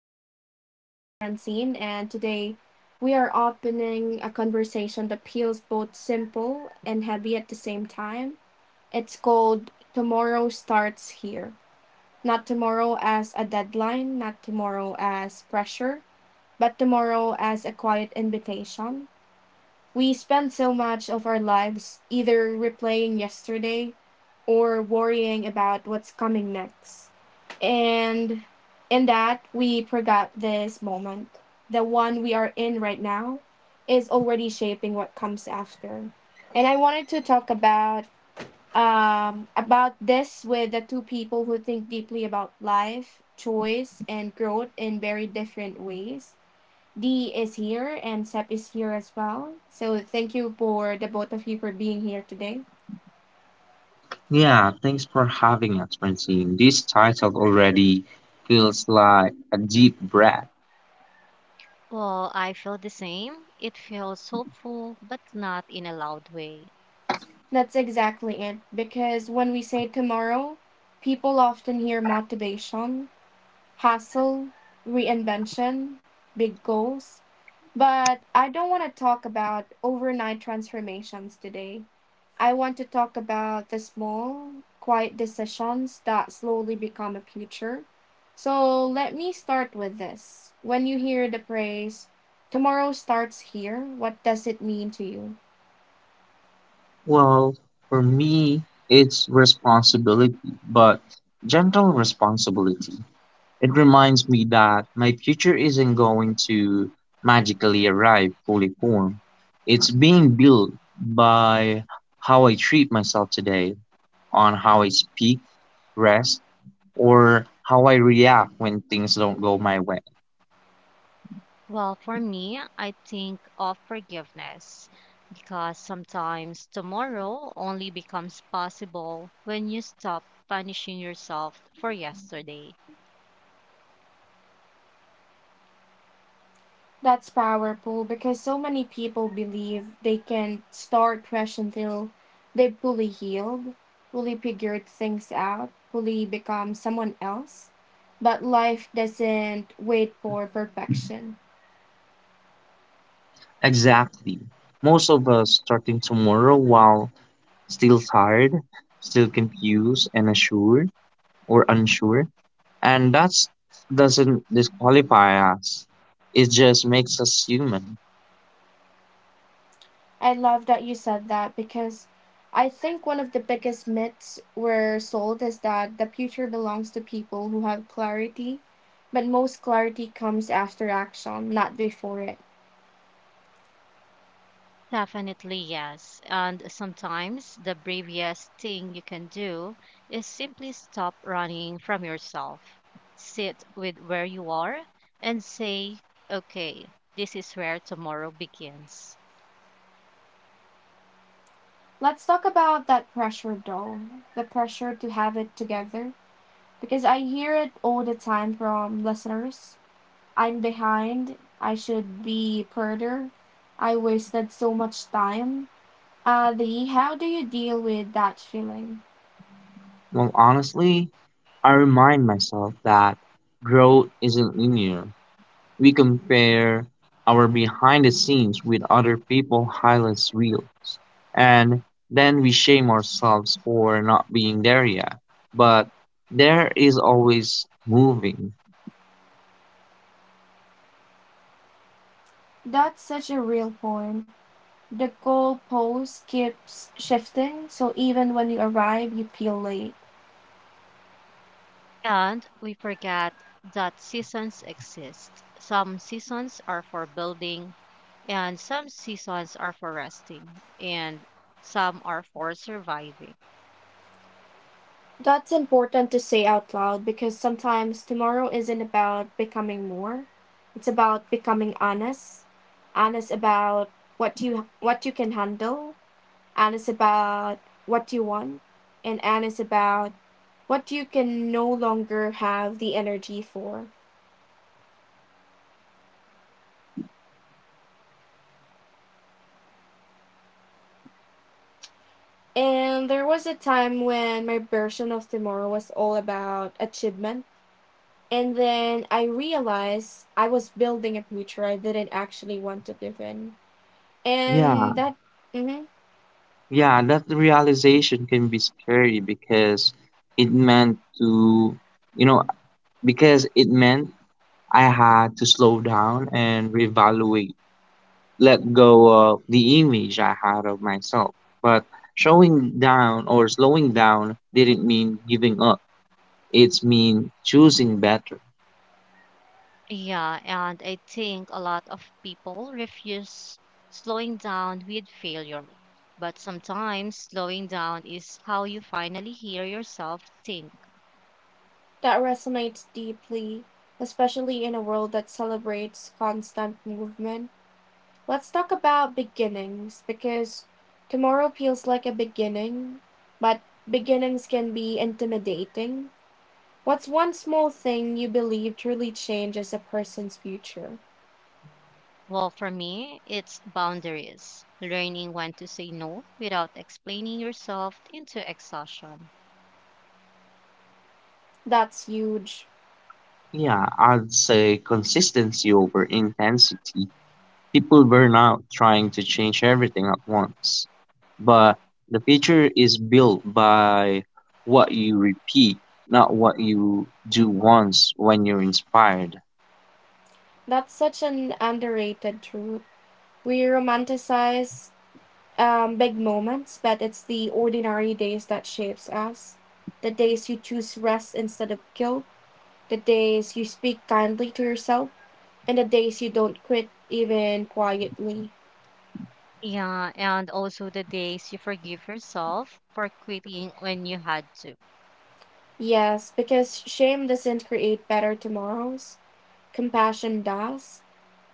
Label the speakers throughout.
Speaker 1: podcast. I am Francine, and today we are opening a conversation that feels both simple and heavy at the same time. It's called Tomorrow Starts Here. Not tomorrow as a deadline, not tomorrow as pressure, but tomorrow as a quiet invitation. We spend so much of our lives either replaying yesterday or worrying about what's coming next. And in that, we forgot this moment. The one we are in right now is already shaping what comes after. And I wanted to talk about about this with the two people who think deeply about life, choice, and growth in very different ways. D is here and Sep is here as well. So thank you for the both of you for being here today.
Speaker 2: Yeah, thanks for having us, Francine. This title already feels like a deep breath.
Speaker 3: Well, I feel the same. It feels hopeful, but not in a loud way.
Speaker 1: That's exactly it. Because when we say tomorrow, people often hear motivation, hustle, reinvention, big goals. But I don't want to talk about overnight transformations today. I want to talk about the small, quiet decisions that slowly become a future. So let me start with this. When you hear the phrase, tomorrow starts here, what does it mean to you?
Speaker 2: Well, for me, it's responsibility, but gentle responsibility. It reminds me that my future isn't going to magically arrive fully formed. It's being built by how I treat myself today, on how I speak, rest, or how I react when things don't go my way.
Speaker 3: Well, for me, I think of forgiveness because sometimes tomorrow only becomes possible when you stop punishing yourself for yesterday.
Speaker 1: That's powerful because so many people believe they can start fresh until they've fully healed, fully figured things out, fully become someone else. But life doesn't wait for perfection.
Speaker 2: Exactly. Most of us starting tomorrow while still tired, still confused and unsure or unsure. And that doesn't disqualify us. It just makes us human.
Speaker 1: I love that you said that because I think one of the biggest myths we're sold is that the future belongs to people who have clarity, but most clarity comes after action, not before it.
Speaker 3: Definitely, yes. And sometimes the bravest thing you can do is simply stop running from yourself. Sit with where you are and say, okay, this is where tomorrow begins.
Speaker 1: Let's talk about that pressure though, the pressure to have it together, because I hear it all the time from listeners. I'm behind, I should be further, I wasted so much time. Adi, how do you deal with that feeling?
Speaker 2: Well, honestly, I remind myself that growth isn't linear. We compare our behind the scenes with other people highlights reels. And then we shame ourselves for not being there yet. But there is always moving.
Speaker 1: That's such a real point. The goalpost keeps shifting, so even when you arrive, you feel late.
Speaker 3: And we forget that seasons exist. Some seasons are for building, and some seasons are for resting, and some are for surviving.
Speaker 1: That's important to say out loud because sometimes tomorrow isn't about becoming more. It's about becoming honest. Honest about what you can handle, honest about what you want, and honest about what you can no longer have the energy for. And there was a time when my version of tomorrow was all about achievement. And then I realized I was building a future I didn't actually want to live in.
Speaker 2: Yeah,
Speaker 1: And that mhm,
Speaker 2: yeah, that realization can be scary because it meant to, you know, because it meant I had to slow down and reevaluate, let go of the image I had of myself. But showing down or slowing down didn't mean giving up. It's mean choosing better.
Speaker 3: Yeah, and I think a lot of people refuse slowing down with failure. But sometimes slowing down is how you finally hear yourself think.
Speaker 1: that resonates deeply, especially in a world that celebrates constant movement. Let's talk about beginnings because tomorrow feels like a beginning, but beginnings can be intimidating. What's one small thing you believe truly changes a person's future?
Speaker 3: Well, for me, it's boundaries, learning when to say no without explaining yourself into exhaustion.
Speaker 1: That's huge.
Speaker 2: Yeah, I'd say consistency over intensity. People burn out trying to change everything at once. But the future is built by what you repeat, not what you do once when you're inspired.
Speaker 1: That's such an underrated truth. We romanticize big moments, but it's the ordinary days that shapes us. The days you choose rest instead of guilt, the days you speak kindly to yourself, and the days you don't quit even quietly.
Speaker 3: Yeah, and also the days you forgive yourself for quitting when you had to.
Speaker 1: Yes, because shame doesn't create better tomorrows. Compassion does.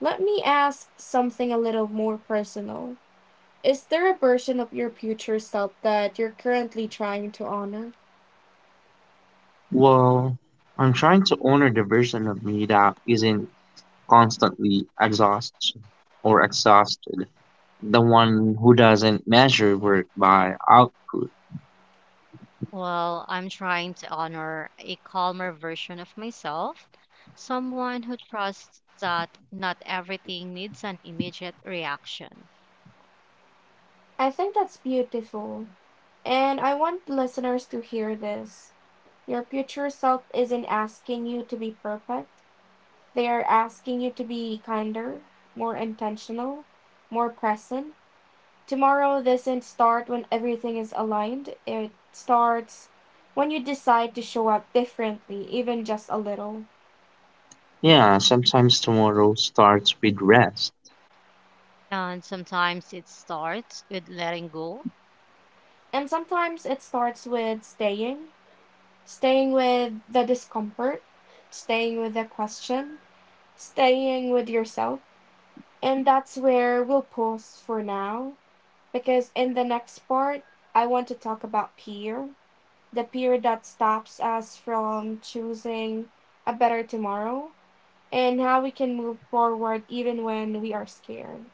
Speaker 1: Let me ask something a little more personal. Is there a version of your future self that you're currently trying to honor?
Speaker 2: Well, I'm trying to honor the version of me that isn't constantly exhausts or exhausted. The one who doesn't measure work by output.
Speaker 3: Well, I'm trying to honor a calmer version of myself, someone who trusts that not everything needs an immediate reaction.
Speaker 1: I think that's beautiful, and I want listeners to hear this. Your future self isn't asking you to be perfect. They are asking you to be kinder, more intentional, more present. Tomorrow doesn't start when everything is aligned. It starts when you decide to show up differently, even just a little.
Speaker 2: Yeah, sometimes tomorrow starts with rest.
Speaker 3: And sometimes it starts with letting go,
Speaker 1: And sometimes it starts with staying, staying with the discomfort, staying with the question, staying with yourself. And that's where we'll pause for now, because in the next part, I want to talk about fear, the fear that stops us from choosing a better tomorrow and how we can move forward even when we are scared.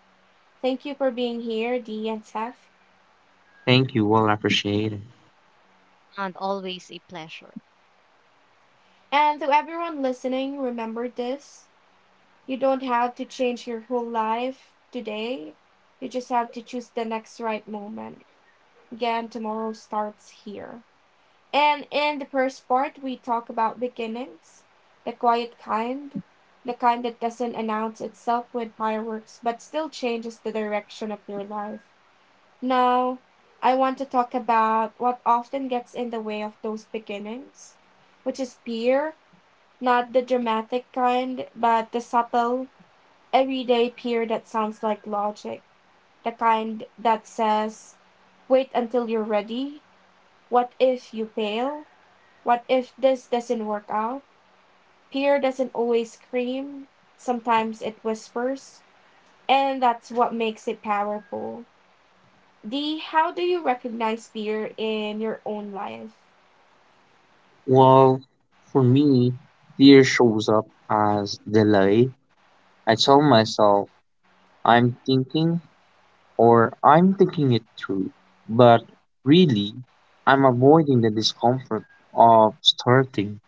Speaker 1: Thank you for being here, D and Seth.
Speaker 2: Thank you, well appreciated.
Speaker 3: and always a pleasure.
Speaker 1: And to everyone listening, remember this. You don't have to change your whole life today. You just have to choose the next right moment. Again, tomorrow starts here. And in the first part, we talk about beginnings, the quiet kind, the kind that doesn't announce itself with fireworks but still changes the direction of your life. Now, I want to talk about what often gets in the way of those beginnings, which is fear, not the dramatic kind, but the subtle, everyday peer that sounds like logic, the kind that says, wait until you're ready. What if you fail? What if this doesn't work out? Peer doesn't always scream, sometimes it whispers, and that's what makes it powerful. D, how do you recognize peer in your own life?
Speaker 2: Well, for me, fear shows up as delay. I tell myself I'm thinking or I'm thinking it through, but really, I'm avoiding the discomfort of starting.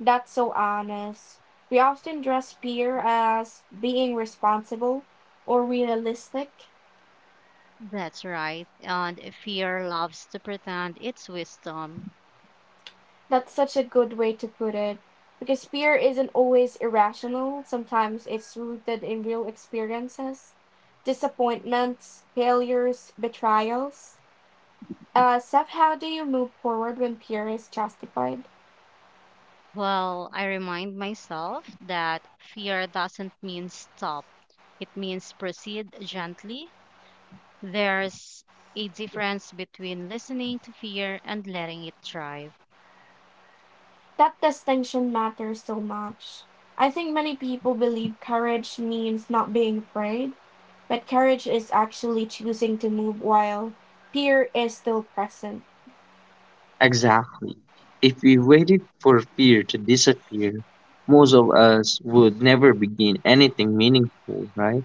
Speaker 1: That's so honest. We often dress peer as being responsible or realistic.
Speaker 3: That's right. And fear loves to pretend it's wisdom.
Speaker 1: That's such a good way to put it. Because fear isn't always irrational, sometimes it's rooted in real experiences, disappointments, failures, betrayals. Seth, how do you move forward when fear is justified?
Speaker 3: Well, I remind myself that fear doesn't mean stop, it means proceed gently. There's a difference between listening to fear and letting it thrive.
Speaker 1: That distinction matters so much. I think many people believe courage means not being afraid, but courage is actually choosing to move while fear is still present.
Speaker 2: Exactly. If we waited for fear to disappear, most of us would never begin anything meaningful, right?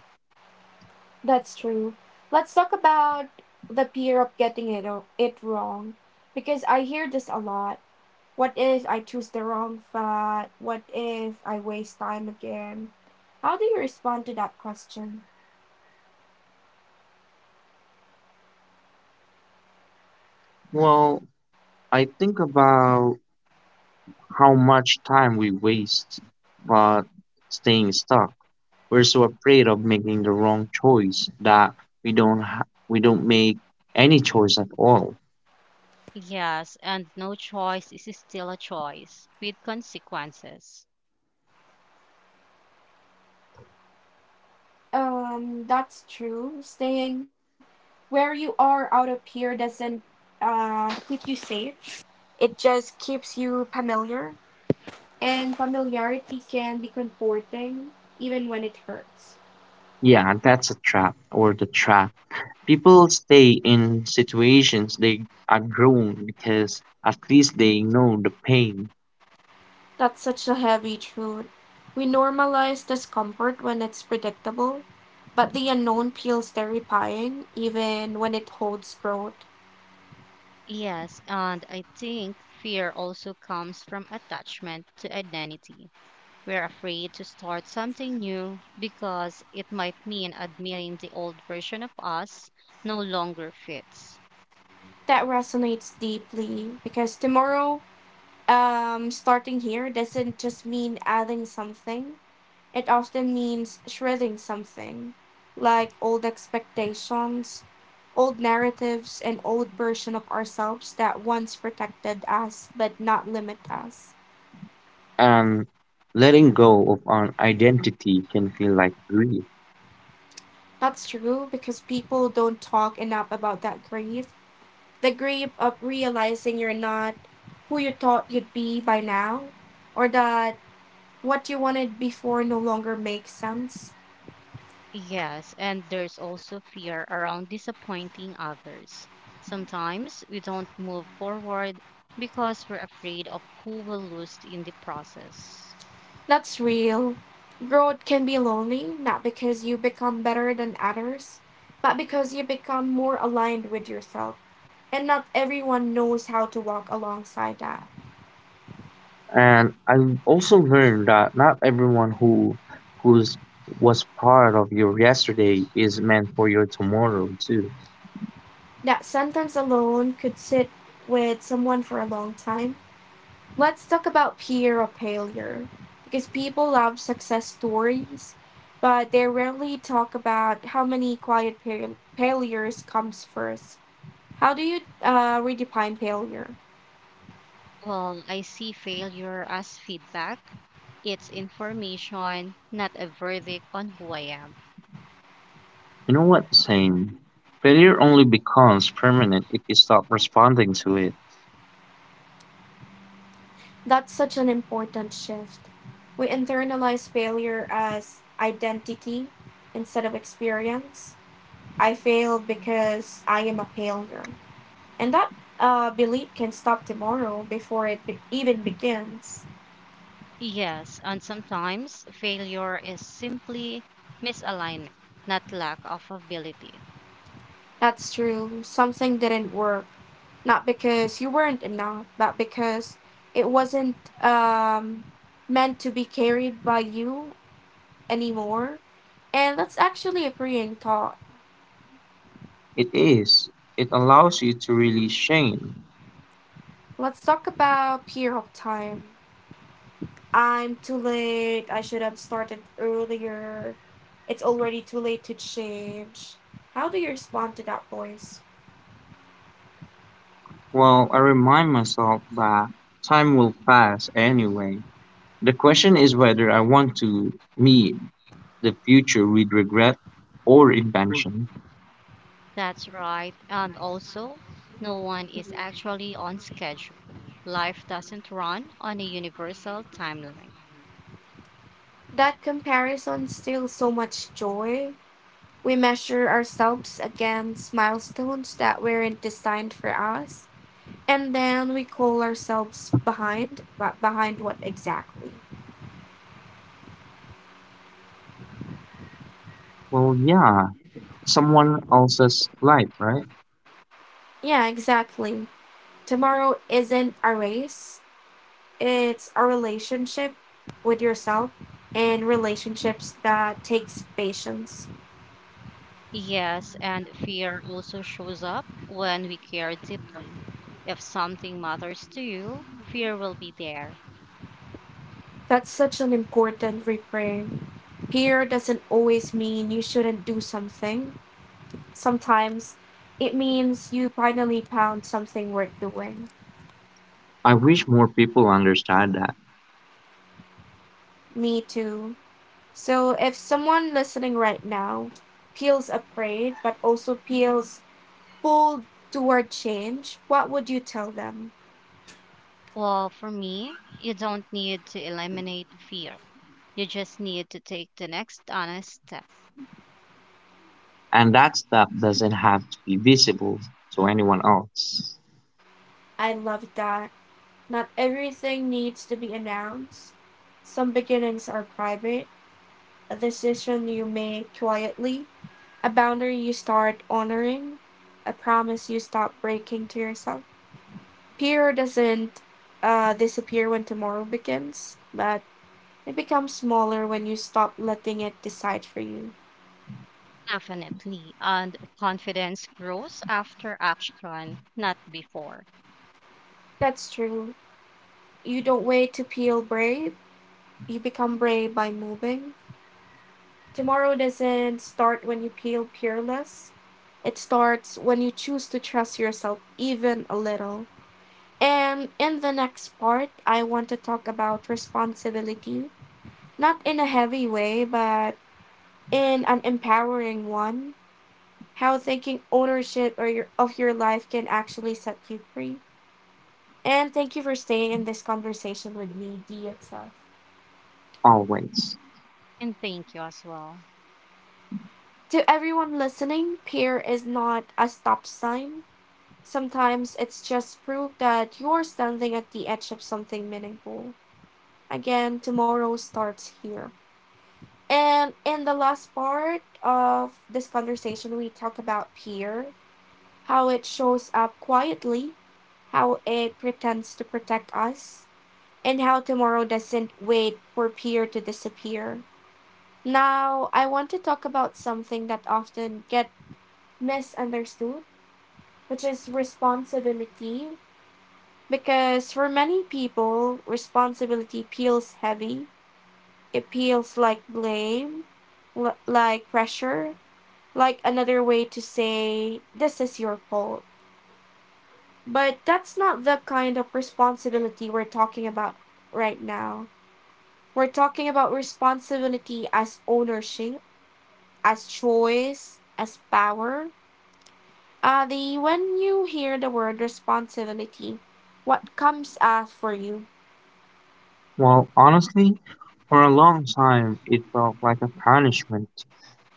Speaker 1: That's true. Let's talk about the fear of getting it wrong, because I hear this a lot. What if I choose the wrong fat? What if I waste time again? How do you respond to that question?
Speaker 2: Well, I think about how much time we waste but staying stuck. We're so afraid of making the wrong choice that we don't ha- we don't make any choice at all.
Speaker 3: Yes, and no choice is still a choice with consequences.
Speaker 1: That's true. Staying where you are out of here doesn't keep you safe. It just keeps you familiar, and familiarity can be comforting even when it hurts.
Speaker 2: Yeah, that's a trap or the trap. People stay in situations they are grown because at least they know the pain.
Speaker 1: That's such a heavy truth. We normalize discomfort when it's predictable, but the unknown feels terrifying even when it holds growth.
Speaker 3: Yes, and I think fear also comes from attachment to identity. We're afraid to start something new because it might mean admitting the old version of us no longer fits.
Speaker 1: That resonates deeply because tomorrow, starting here doesn't just mean adding something, it often means shredding something, like old expectations, old narratives, and old version of ourselves that once protected us but not limit us.
Speaker 2: And letting go of an identity can feel like grief.
Speaker 1: That's true because people don't talk enough about that grief. The grief of realizing you're not who you thought you'd be by now, or that what you wanted before no longer makes sense.
Speaker 3: Yes, and there's also fear around disappointing others. Sometimes we don't move forward because we're afraid of who will lose in the process.
Speaker 1: That's real. Growth can be lonely, not because you become better than others, but because you become more aligned with yourself. And not everyone knows how to walk alongside that.
Speaker 2: And I also learned that not everyone who who's was part of your yesterday is meant for your tomorrow too.
Speaker 1: That sentence alone could sit with someone for a long time. Let's talk about peer or failure because people love success stories, but they rarely talk about how many quiet failures comes first. How do you redefine failure?
Speaker 3: Well, I see failure as feedback. It's information, not a verdict on who I am.
Speaker 2: You know what I'm saying? Failure only becomes permanent if you stop responding to it.
Speaker 1: That's such an important shift. We internalize failure as identity instead of experience. I failed because I am a failure, and that belief can stop tomorrow before even begins.
Speaker 3: Yes, and sometimes failure is simply misalignment, not lack of ability.
Speaker 1: That's true. Something didn't work. Not because you weren't enough, but because it wasn't um, meant to be carried by you anymore. And that's actually a freeing thought.
Speaker 2: It is. It allows you to really shame.
Speaker 1: Let's talk about fear of time. I'm too late. I should have started earlier. It's already too late to change. How do you respond to that voice?
Speaker 2: Well, I remind myself that time will pass anyway. The question is whether I want to meet the future with regret or invention.
Speaker 3: That's right. And also, no one is actually on schedule. Life doesn't run on a universal timeline.
Speaker 1: That comparison steals so much joy. We measure ourselves against milestones that weren't designed for us, and then we call ourselves behind. But behind what exactly?
Speaker 2: Well, yeah, someone else's life, right?
Speaker 1: Yeah, exactly. Tomorrow isn't a race, it's a relationship with yourself, and relationships that takes patience.
Speaker 3: Yes, and fear also shows up when we care deeply. If something matters to you, fear will be there.
Speaker 1: That's such an important reframe. Here doesn't always mean you shouldn't do something. Sometimes it means you finally found something worth doing.
Speaker 2: I wish more people understand that.
Speaker 1: Me too. So if someone listening right now feels afraid but also feels pulled toward change, what would you tell them?
Speaker 3: Well, for me, you don't need to eliminate fear. You just need to take the next honest step.
Speaker 2: And that stuff doesn't have to be visible to anyone else,
Speaker 1: I love that. Not everything needs to be announced. Some beginnings are private, a decision you make quietly, a boundary you start honoring, a promise you stop breaking to yourself. Fear doesn't disappear when tomorrow begins, but it becomes smaller when you stop letting it decide for you.
Speaker 3: Definitely. And confidence grows after action, not before.
Speaker 1: That's true. You don't wait to peel brave, you become brave by moving. Tomorrow doesn't start when you peel peerless, it starts when you choose to trust yourself even a little. And in the next part, I want to talk about responsibility, not in a heavy way, but in an empowering one. How taking ownership of your life can actually set you free. And thank you for staying in this conversation with me, D itself.
Speaker 2: always.
Speaker 3: And thank you as well.
Speaker 1: To everyone listening, peer is not a stop sign. Sometimes it's just proof that you're standing at the edge of something meaningful. Again, tomorrow starts here. And in the last part of this conversation, we talk about peer, how it shows up quietly, how it pretends to protect us, and how tomorrow doesn't wait for peer to disappear. Now, I want to talk about something that often get misunderstood, which is responsibility. Because for many people, responsibility feels heavy. It feels like blame, like pressure, like another way to say, this is your fault. But that's not the kind of responsibility we're talking about right now. We're talking about responsibility as ownership, as choice, as power. Ah, the when you hear the word responsibility, what comes up for you?
Speaker 2: Well, honestly, for a long time, it felt like a punishment.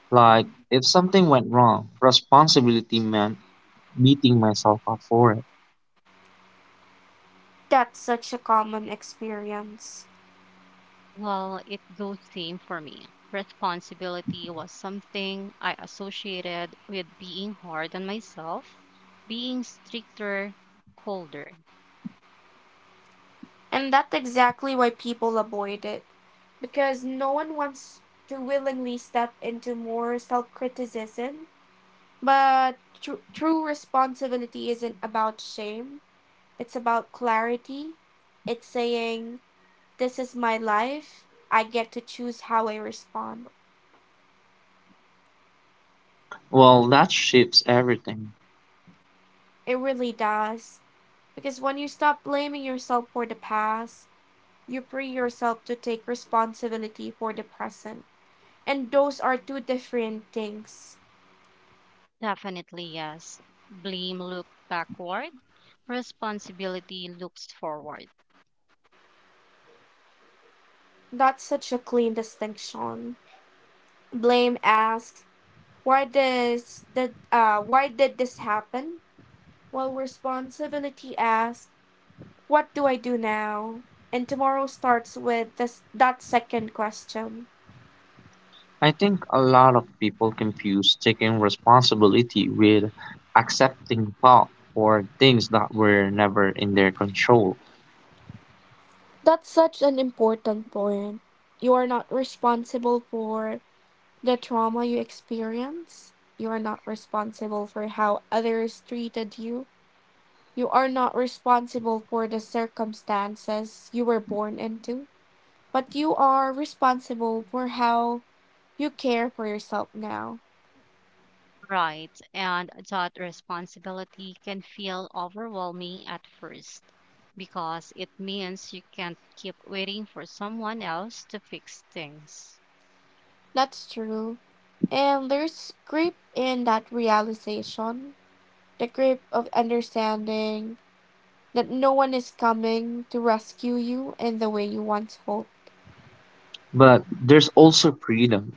Speaker 2: Like, if something went wrong, responsibility meant beating myself up for it.
Speaker 1: That's such a common experience.
Speaker 3: Well, it goes same for me. Responsibility was something I associated with being hard on myself, being stricter, colder.
Speaker 1: And that's exactly why people avoid it. Because no one wants to willingly step into more self criticism. But true responsibility isn't about shame, it's about clarity. It's saying, "This is my life, I get to choose how I respond."
Speaker 2: Well, that shifts everything.
Speaker 1: It really does. Because when you stop blaming yourself for the past, you free yourself to take responsibility for the present. And those are two different things.
Speaker 3: Definitely yes. Blame looked backward, responsibility looks forward.
Speaker 1: That's such a clean distinction. Blame asks, why does the why did this happen? While responsibility asks, what do I do now? And tomorrow starts with this that second question.
Speaker 2: I think a lot of people confuse taking responsibility with accepting fault for things that were never in their control.
Speaker 1: That's such an important point. You are not responsible for the trauma you experience, you are not responsible for how others treated you. You are not responsible for the circumstances you were born into, but you are responsible for how you care for yourself now.
Speaker 3: Right, and that responsibility can feel overwhelming at first because it means you can't keep waiting for someone else to fix things.
Speaker 1: That's true. And there's grip in that realization, the grip of understanding that no one is coming to rescue you in the way you once hoped.
Speaker 2: But there's also freedom.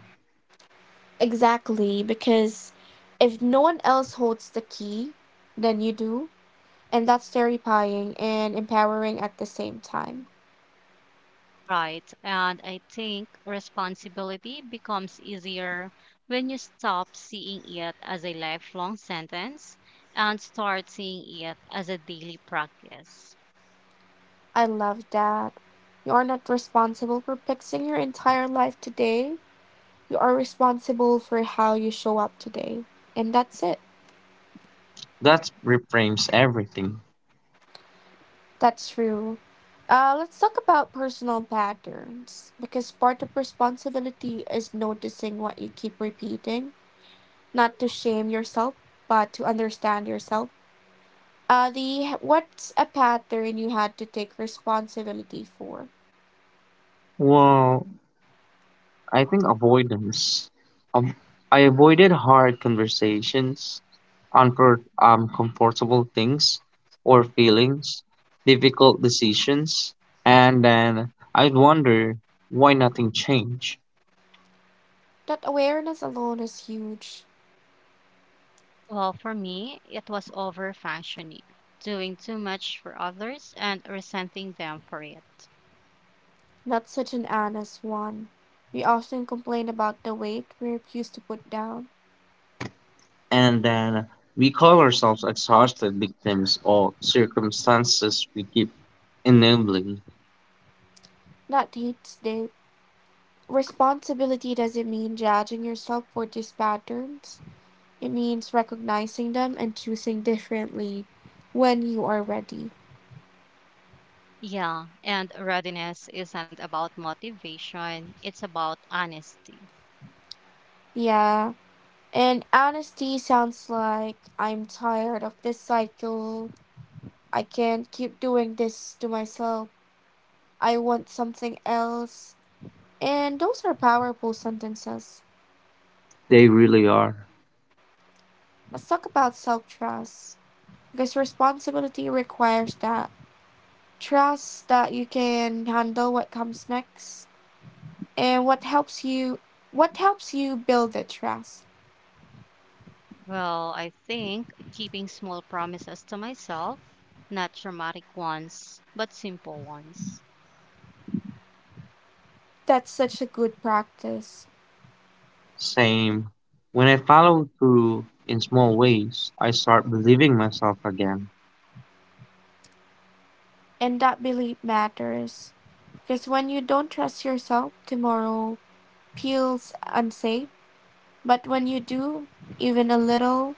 Speaker 1: Exactly, because if no one else holds the key, then you do. And that's terrifying and empowering at the same time.
Speaker 3: Right. And I think responsibility becomes easier when you stop seeing it as a lifelong sentence and start seeing it as a daily practice.
Speaker 1: I love that. You are not responsible for fixing your entire life today. You are responsible for how you show up today. And that's it.
Speaker 2: That reframes everything.
Speaker 1: That's true. Let's talk about personal patterns, because part of responsibility is noticing what you keep repeating, not to shame yourself, but to understand yourself. The What's a pattern you had to take responsibility for?
Speaker 2: Well, I think avoidance. Um, I avoided hard conversations, comfortable things or feelings, difficult decisions, and then I'd wonder why nothing changed.
Speaker 1: That awareness alone is huge.
Speaker 3: Well, for me, it was over functioning, doing too much for others and resenting them for it.
Speaker 1: Not such an honest one. We often complain about the weight we refuse to put down.
Speaker 2: And then we call ourselves exhausted victims of circumstances we keep enabling.
Speaker 1: That hates the Responsibility doesn't mean judging yourself for these patterns. It means recognizing them and choosing differently when you are ready.
Speaker 3: Yeah, and readiness isn't about motivation, it's about honesty.
Speaker 1: Yeah. And honesty sounds like, I'm tired of this cycle. I can't keep doing this to myself. I want something else. And those are powerful sentences.
Speaker 2: They really are.
Speaker 1: Let's talk about self trust. Because responsibility requires that trust, that you can handle what comes next, and what helps you build the trust.
Speaker 3: Well, I think keeping small promises to myself, not dramatic ones, but simple ones.
Speaker 1: That's such a good practice.
Speaker 2: Same. When I follow through in small ways, I start believing myself again.
Speaker 1: And that belief matters, because when you don't trust yourself, tomorrow feels unsafe, but when you do, even a little,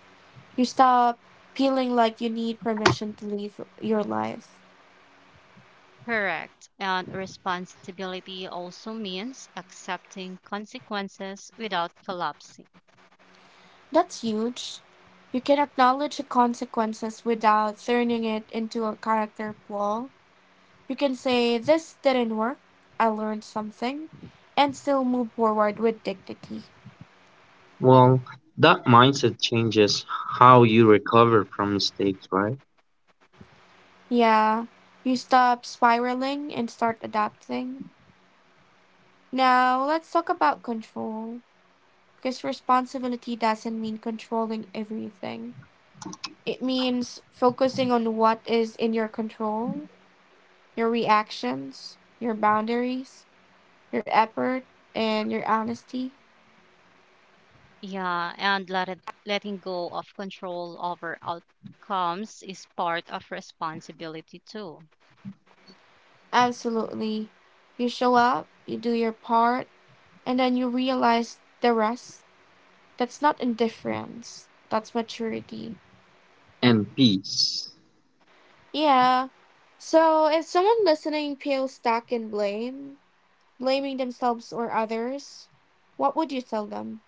Speaker 1: you stop feeling like you need permission to live your life.
Speaker 3: Correct. And responsibility also means accepting consequences without collapsing.
Speaker 1: That's huge. You can acknowledge the consequences without turning it into a character flaw. You can say, "This didn't work, I learned something," and still move forward with dignity.
Speaker 2: Well, that mindset changes how you recover from mistakes, right?
Speaker 1: Yeah, you stop spiraling and start adapting. Now, let's talk about control, because responsibility doesn't mean controlling everything. It means focusing on what is in your control, your reactions, your boundaries, your effort, and your honesty.
Speaker 3: Yeah, and letting go of control over outcomes is part of responsibility too.
Speaker 1: Absolutely. You show up, you do your part, and then you realize the rest. That's not indifference, that's maturity.
Speaker 2: And peace.
Speaker 1: Yeah. So if someone listening feels stuck in blame, blaming themselves or others, what would you tell them?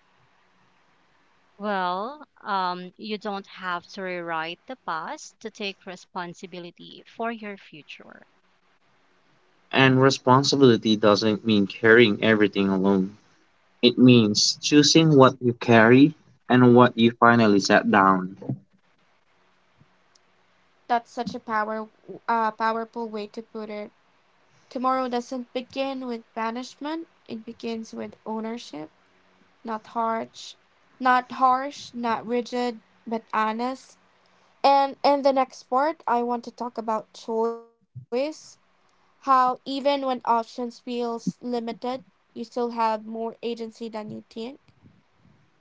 Speaker 3: Well, you don't have to rewrite the past to take responsibility for your future.
Speaker 2: And responsibility doesn't mean carrying everything alone. It means choosing what you carry and what you finally set down.
Speaker 1: That's such a powerful way to put it. Tomorrow doesn't begin with banishment, it begins with ownership. Not harsh, not harsh, not rigid, but honest. And in the next part, I want to talk about choice, how even when options feels limited, you still have more agency than you think.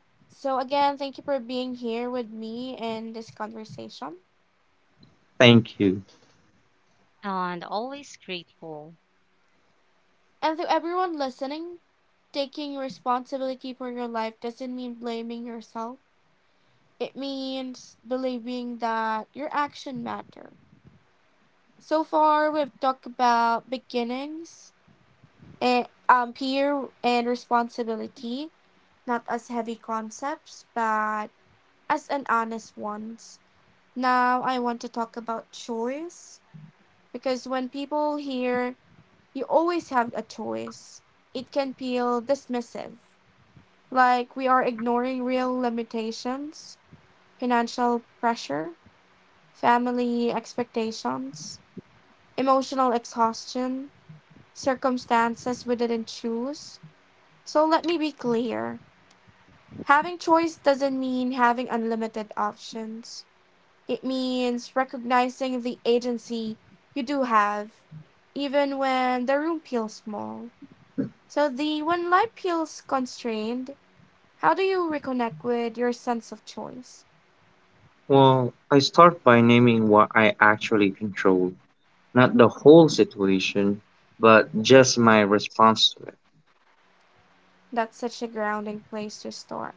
Speaker 1: So again, thank you for being here with me in this conversation.
Speaker 2: Thank you.
Speaker 3: And always grateful.
Speaker 1: And to everyone listening, taking responsibility for your life doesn't mean blaming yourself. It means believing that your action matter. So far, we've talked about beginnings and peer and responsibility, not as heavy concepts, but as an honest ones. Now, I want to talk about choice, because when people hear, "You always have a choice," it can feel dismissive, like we are ignoring real limitations, financial pressure, family expectations, emotional exhaustion, circumstances we didn't choose. So let me be clear: having choice doesn't mean having unlimited options, it means recognizing the agency you do have, even when the room feels small. So, the when life feels constrained, how do you reconnect with your sense of choice?
Speaker 2: Well, I start by naming what I actually control. Not the whole situation, but just my response to it.
Speaker 1: That's such a grounding place to start.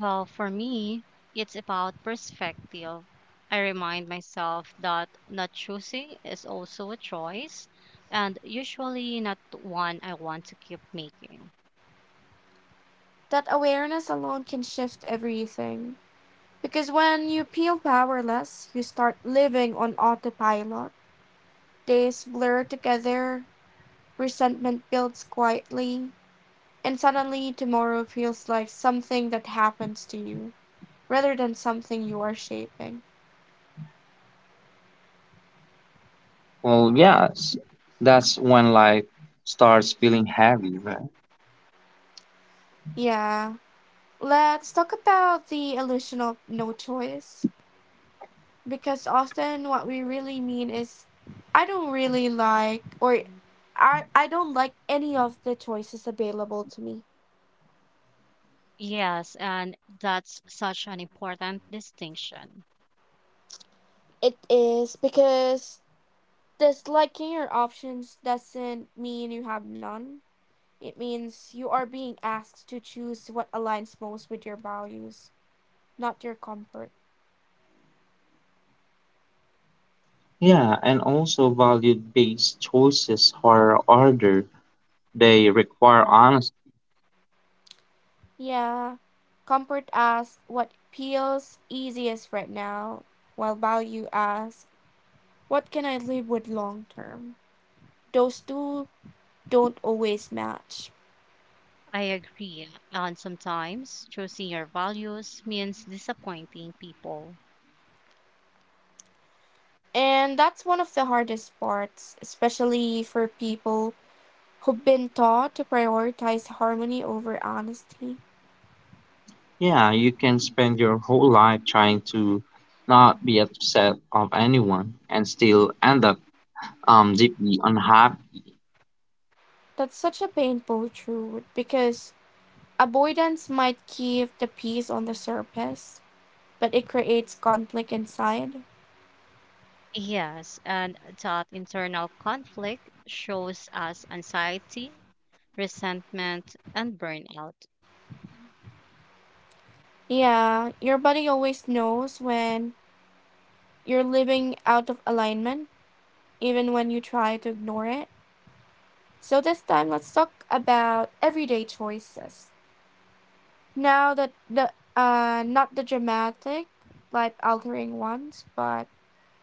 Speaker 3: Well, for me, it's about perspective. I remind myself that not choosing is also a choice, and usually not one I want to keep making.
Speaker 1: That awareness alone can shift everything. Because when you feel powerless, you start living on autopilot. Days blur together, resentment builds quietly, and suddenly tomorrow feels like something that happens to you rather than something you are shaping.
Speaker 2: Well, yes, that's when life starts feeling heavy, right?
Speaker 1: Yeah. Let's talk about the illusion of no choice. Because often what we really mean is, I don't really like, or I don't like any of the choices available to me.
Speaker 3: Yes, and that's such an important distinction.
Speaker 1: It is, because does selecting your options doesn't mean you have none. It means you are being asked to choose what aligns most with your values, not your comfort.
Speaker 2: Yeah, and also value-based choices are harder. They require honesty.
Speaker 1: Yeah, comfort asks what feels easiest right now, while value asks what can I live with long term. Those two don't always match.
Speaker 3: I agree. And sometimes choosing your values means disappointing people.
Speaker 1: And that's one of the hardest parts, especially for people who've been taught to prioritize harmony over honesty.
Speaker 2: Yeah, you can spend your whole life trying to not be upset of anyone and still end up deeply unhappy
Speaker 1: That's such a painful truth, because avoidance might keep the peace on the surface, but it creates conflict inside.
Speaker 3: Yes, and that internal conflict shows us anxiety, resentment, and burnout.
Speaker 1: Yeah, your body always knows when you're living out of alignment, even when you try to ignore it. So this time, let's talk about everyday choices. Now that the not the dramatic, life altering ones, but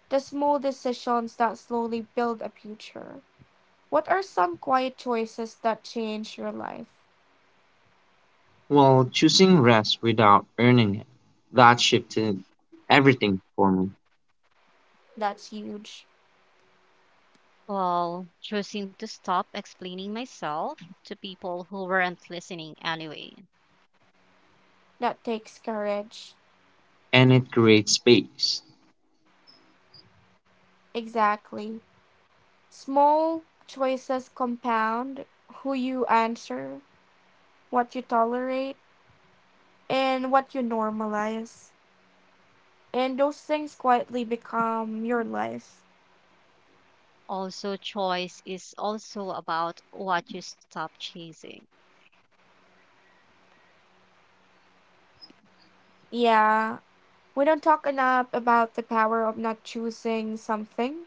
Speaker 1: the small decisions that slowly build a future. What are some quiet choices that change your life?
Speaker 2: while choosing rest without earning it. That shifted everything for me,
Speaker 1: That's huge.
Speaker 3: While choosing to stop explaining myself to people who weren't listening anyway.
Speaker 1: That takes courage.
Speaker 2: and it creates space.
Speaker 1: Exactly. Small choices compound: who you answer, what you tolerate, and what you normalize. And those things quietly become your life.
Speaker 3: Also, choice is also about what you stop chasing.
Speaker 1: Yeah. We don't talk enough about the power of not choosing something,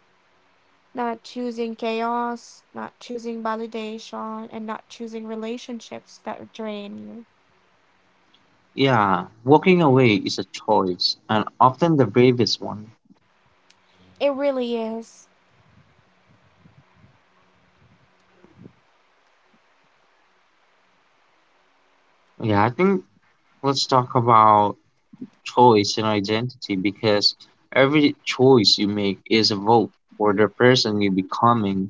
Speaker 1: not choosing chaos, not choosing validation, and not choosing relationships that drain you.
Speaker 2: Yeah, walking away is a choice, and often the bravest one.
Speaker 1: It really is.
Speaker 2: Yeah, I think let's talk about choice and identity because every choice you make is a vote for the person you're becoming.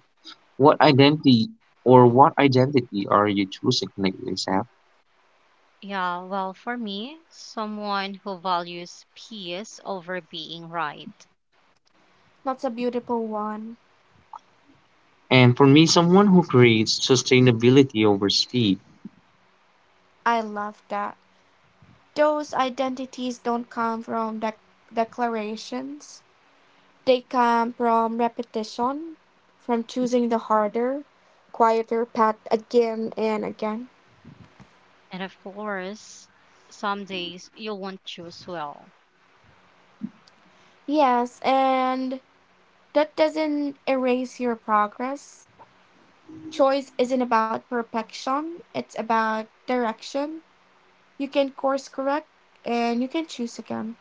Speaker 2: What identity or what identity are you choosing, Nicholas? Ab?
Speaker 3: Yeah, well, for me, someone who values peace over being right.
Speaker 1: That's a beautiful one.
Speaker 2: And for me, someone who creates sustainability over speed,
Speaker 1: I love that. Those identities don't come from declarations, they come from repetition, from choosing the harder, quieter path again and again.
Speaker 3: And of course, some days you won't choose well.
Speaker 1: Yes, and that doesn't erase your progress. Choice isn't about perfection, it's about direction. You can course correct, and you can choose again.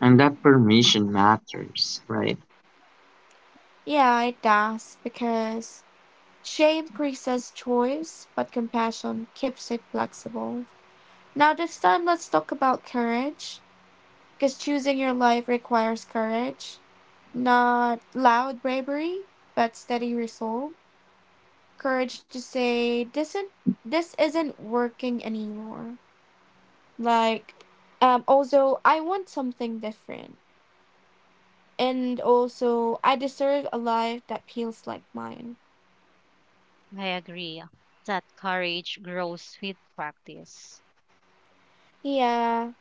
Speaker 2: and that permission matters, right?
Speaker 1: Yeah, it does, because shame increases choice, but compassion keeps it flexible. Now, this time, let's talk about courage, because choosing your life requires courage. Not loud bravery, but steady resolve. Courage to say, this isn't working anymore. Like, also, I want something different. And also, I deserve a life that feels like mine.
Speaker 3: I agree that courage grows with practice.
Speaker 1: Yeah,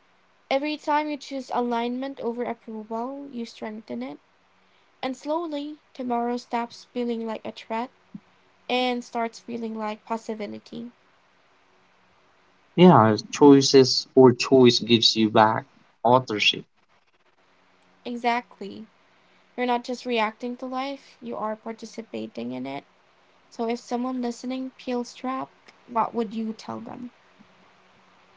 Speaker 1: every time you choose alignment over approval, you strengthen it. And slowly, tomorrow stops feeling like a threat and starts feeling like possibility.
Speaker 2: Yeah, choices or choice gives you back authorship.
Speaker 1: Exactly. You're not just reacting to life, you are participating in it. So if someone listening feels trapped, what would you tell them?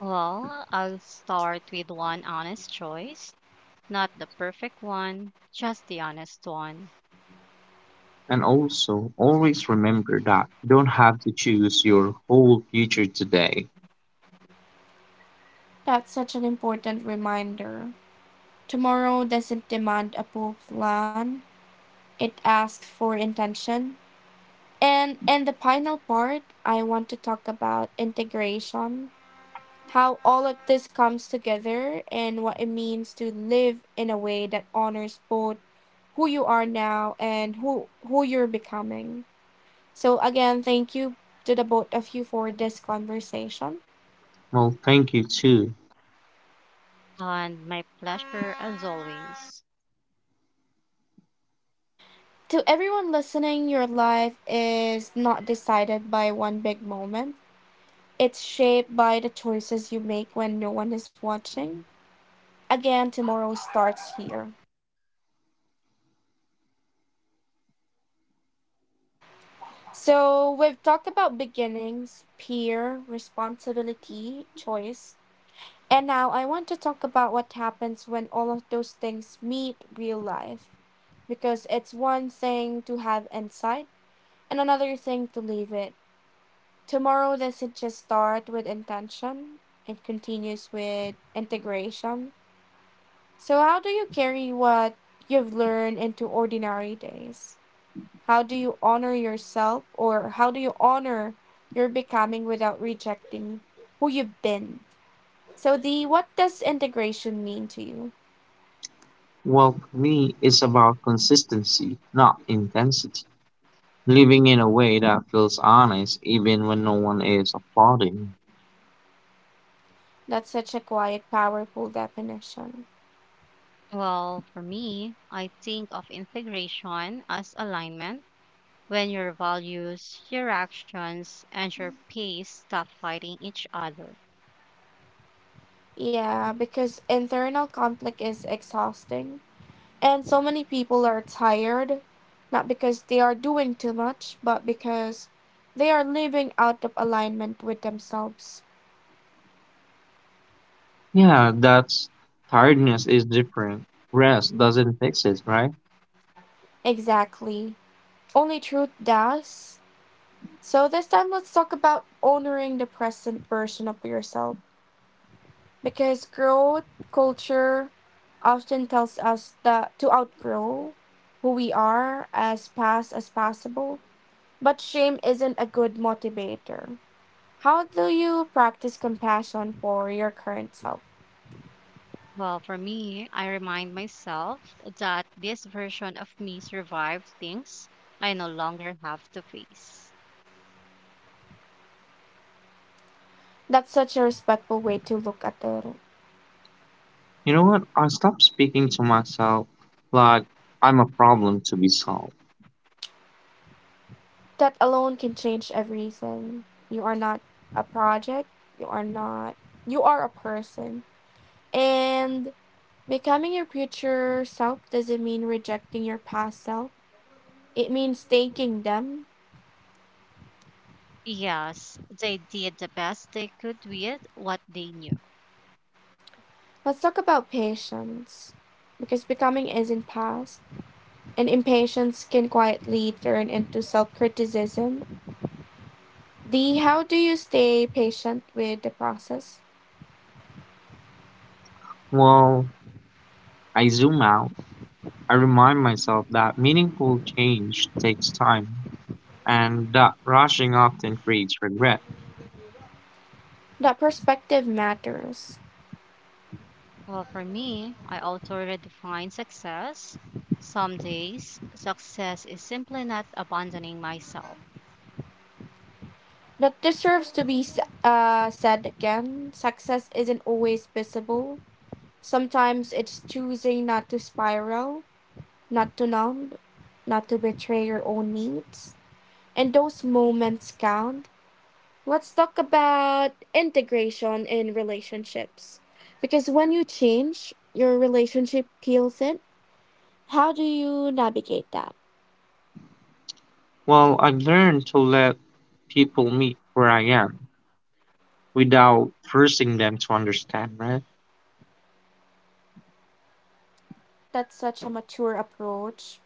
Speaker 3: Well, I'll start with one honest choice, not the perfect one, just the honest one.
Speaker 2: And also, always remember that you don't have to choose your whole future today.
Speaker 1: That's such an important reminder. Tomorrow doesn't demand a full plan, it asks for intention. And in the final part, I want to talk about integration, how all of this comes together and what it means to live in a way that honors both who you are now and who you're becoming. So again, thank you to the both of you for this conversation.
Speaker 2: Well, thank you too.
Speaker 3: And my pleasure as always.
Speaker 1: To everyone listening, your life is not decided by one big moment. It's shaped by the choices you make when no one is watching. Again, tomorrow starts here. So, we've talked about beginnings, peer, responsibility, choice, and now I want to talk about what happens when all of those things meet real life. Because it's one thing to have insight and another thing to leave it. Tomorrow doesn't just start with intention, it continues with integration. So, how do you carry what you've learned into ordinary days? How do you honor yourself, or how do you honor your becoming without rejecting who you've been? So, the what does integration mean to you?
Speaker 2: Well, for me, it's about consistency, not intensity. Living in a way that feels honest, even when no one is applauding.
Speaker 1: That's such a quiet, powerful definition.
Speaker 3: Well, for me, I think of integration as alignment when your values, your actions, and your pace stop fighting each other.
Speaker 1: Yeah, because internal conflict is exhausting. And so many people are tired, not because they are doing too much, but because they are living out of alignment with themselves.
Speaker 2: Yeah, that's tiredness is different. Rest doesn't fix it, right?
Speaker 1: Exactly. Only truth does. So this time, let's talk about honoring the present version of yourself. Because growth culture often tells us that to outgrow who we are as fast as possible. But shame isn't a good motivator. How do you practice compassion for your current self?
Speaker 3: Well, for me, I remind myself that this version of me survived things I no longer have to face.
Speaker 1: That's such a respectful way to look at it.
Speaker 2: You know what? I stopped speaking to myself like I'm a problem to be solved.
Speaker 1: That alone can change everything. You are not a project. You are not. You are a person. And becoming your future self doesn't mean rejecting your past self. It means thanking them.
Speaker 3: Yes, they did the best they could with what they knew.
Speaker 1: Let's talk about patience. Because becoming isn't past, and impatience can quietly turn into self criticism. The How do you stay patient with the process?
Speaker 2: Well, I zoom out. I remind myself that meaningful change takes time and that rushing often creates regret.
Speaker 1: That perspective matters.
Speaker 3: Well, for me, I also redefine success. Some days, success is simply not abandoning myself.
Speaker 1: That deserves to be said again. Success isn't always visible. Sometimes it's choosing not to spiral, not to numb, not to betray your own needs. And those moments count. Let's talk about integration in relationships. Because when you change, your relationship peels in. How do you navigate that?
Speaker 2: Well, I've learned to let people meet where I am without forcing them to understand, right?
Speaker 1: That's such a mature approach.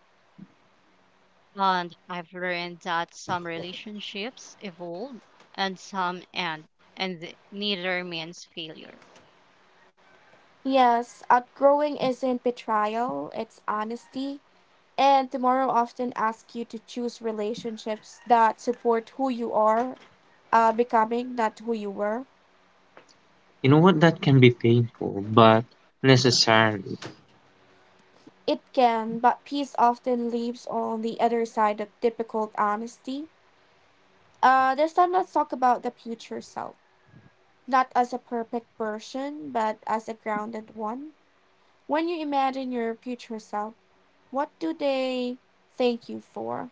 Speaker 3: And I've learned that some relationships evolve and some end, and neither means failure.
Speaker 1: Yes, outgrowing isn't betrayal, it's honesty. And tomorrow often asks you to choose relationships that support who you are becoming, not who you were.
Speaker 2: You know what? That can be painful, but necessary.
Speaker 1: It can, but peace often leaves on the other side of difficult honesty. This time, let's talk about the future self. Not as a perfect version, but as a grounded one. When you imagine your future self, what do they thank you for?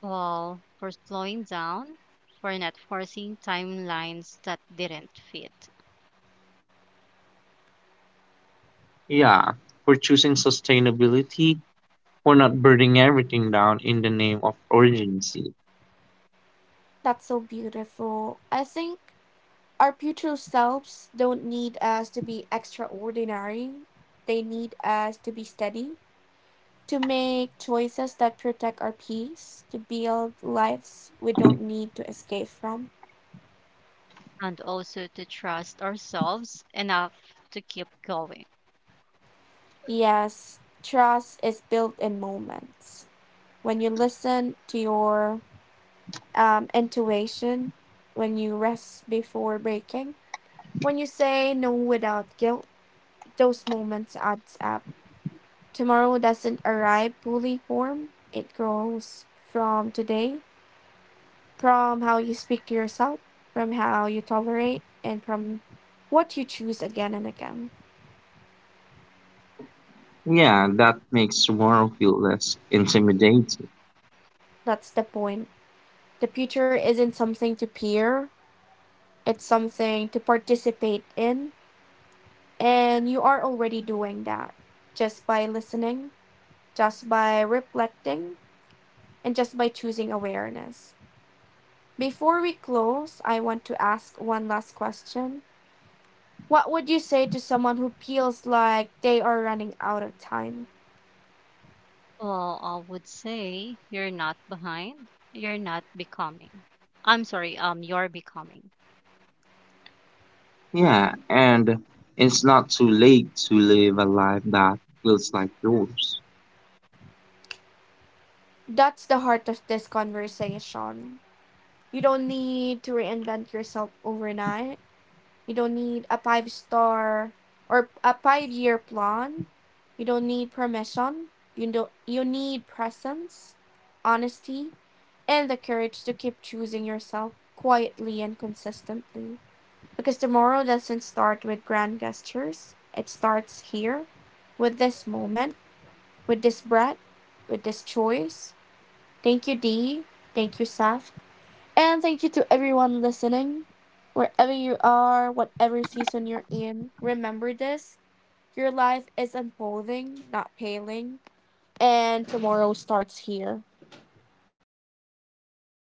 Speaker 3: Well, for slowing down, for not forcing timelines that didn't fit,
Speaker 2: Yeah, for choosing sustainability, we're not burning everything down in the name of urgency.
Speaker 1: That's so beautiful. I think our future selves don't need us to be extraordinary, they need us to be steady, to make choices that protect our peace, to build lives we don't need to escape from.
Speaker 3: and also to trust ourselves enough to keep going.
Speaker 1: Yes, trust is built in moments. When you listen to your intuition, when you rest before breaking, when you say no without guilt, those moments adds up. Tomorrow doesn't arrive fully formed. It grows from today, from how you speak to yourself, from how you tolerate, and from what you choose again and again.
Speaker 2: Yeah, that makes tomorrow feel less intimidating.
Speaker 1: That's the point. The future isn't something to peer, it's something to participate in. And you are already doing that, just by listening, just by reflecting, and just by choosing awareness. Before we close, I want to ask one last question. What would you say to someone who feels like they are running out of time?
Speaker 3: Well, I would say you're not behind, you're not becoming. I'm sorry, you're becoming.
Speaker 2: Yeah, and it's not too late to live a life that feels like yours.
Speaker 1: That's the heart of this conversation. You don't need to reinvent yourself overnight. You don't need a 5-year plan. You don't need permission. You don't, you need presence, honesty, and the courage to keep choosing yourself quietly and consistently. Because tomorrow doesn't start with grand gestures. It starts here, with this moment, with this breath, with this choice. Thank you, Dee. Thank you, Saf. And thank you to everyone listening. Wherever you are, whatever season you're in, remember this. Your life is unfolding, not paling. And tomorrow starts here.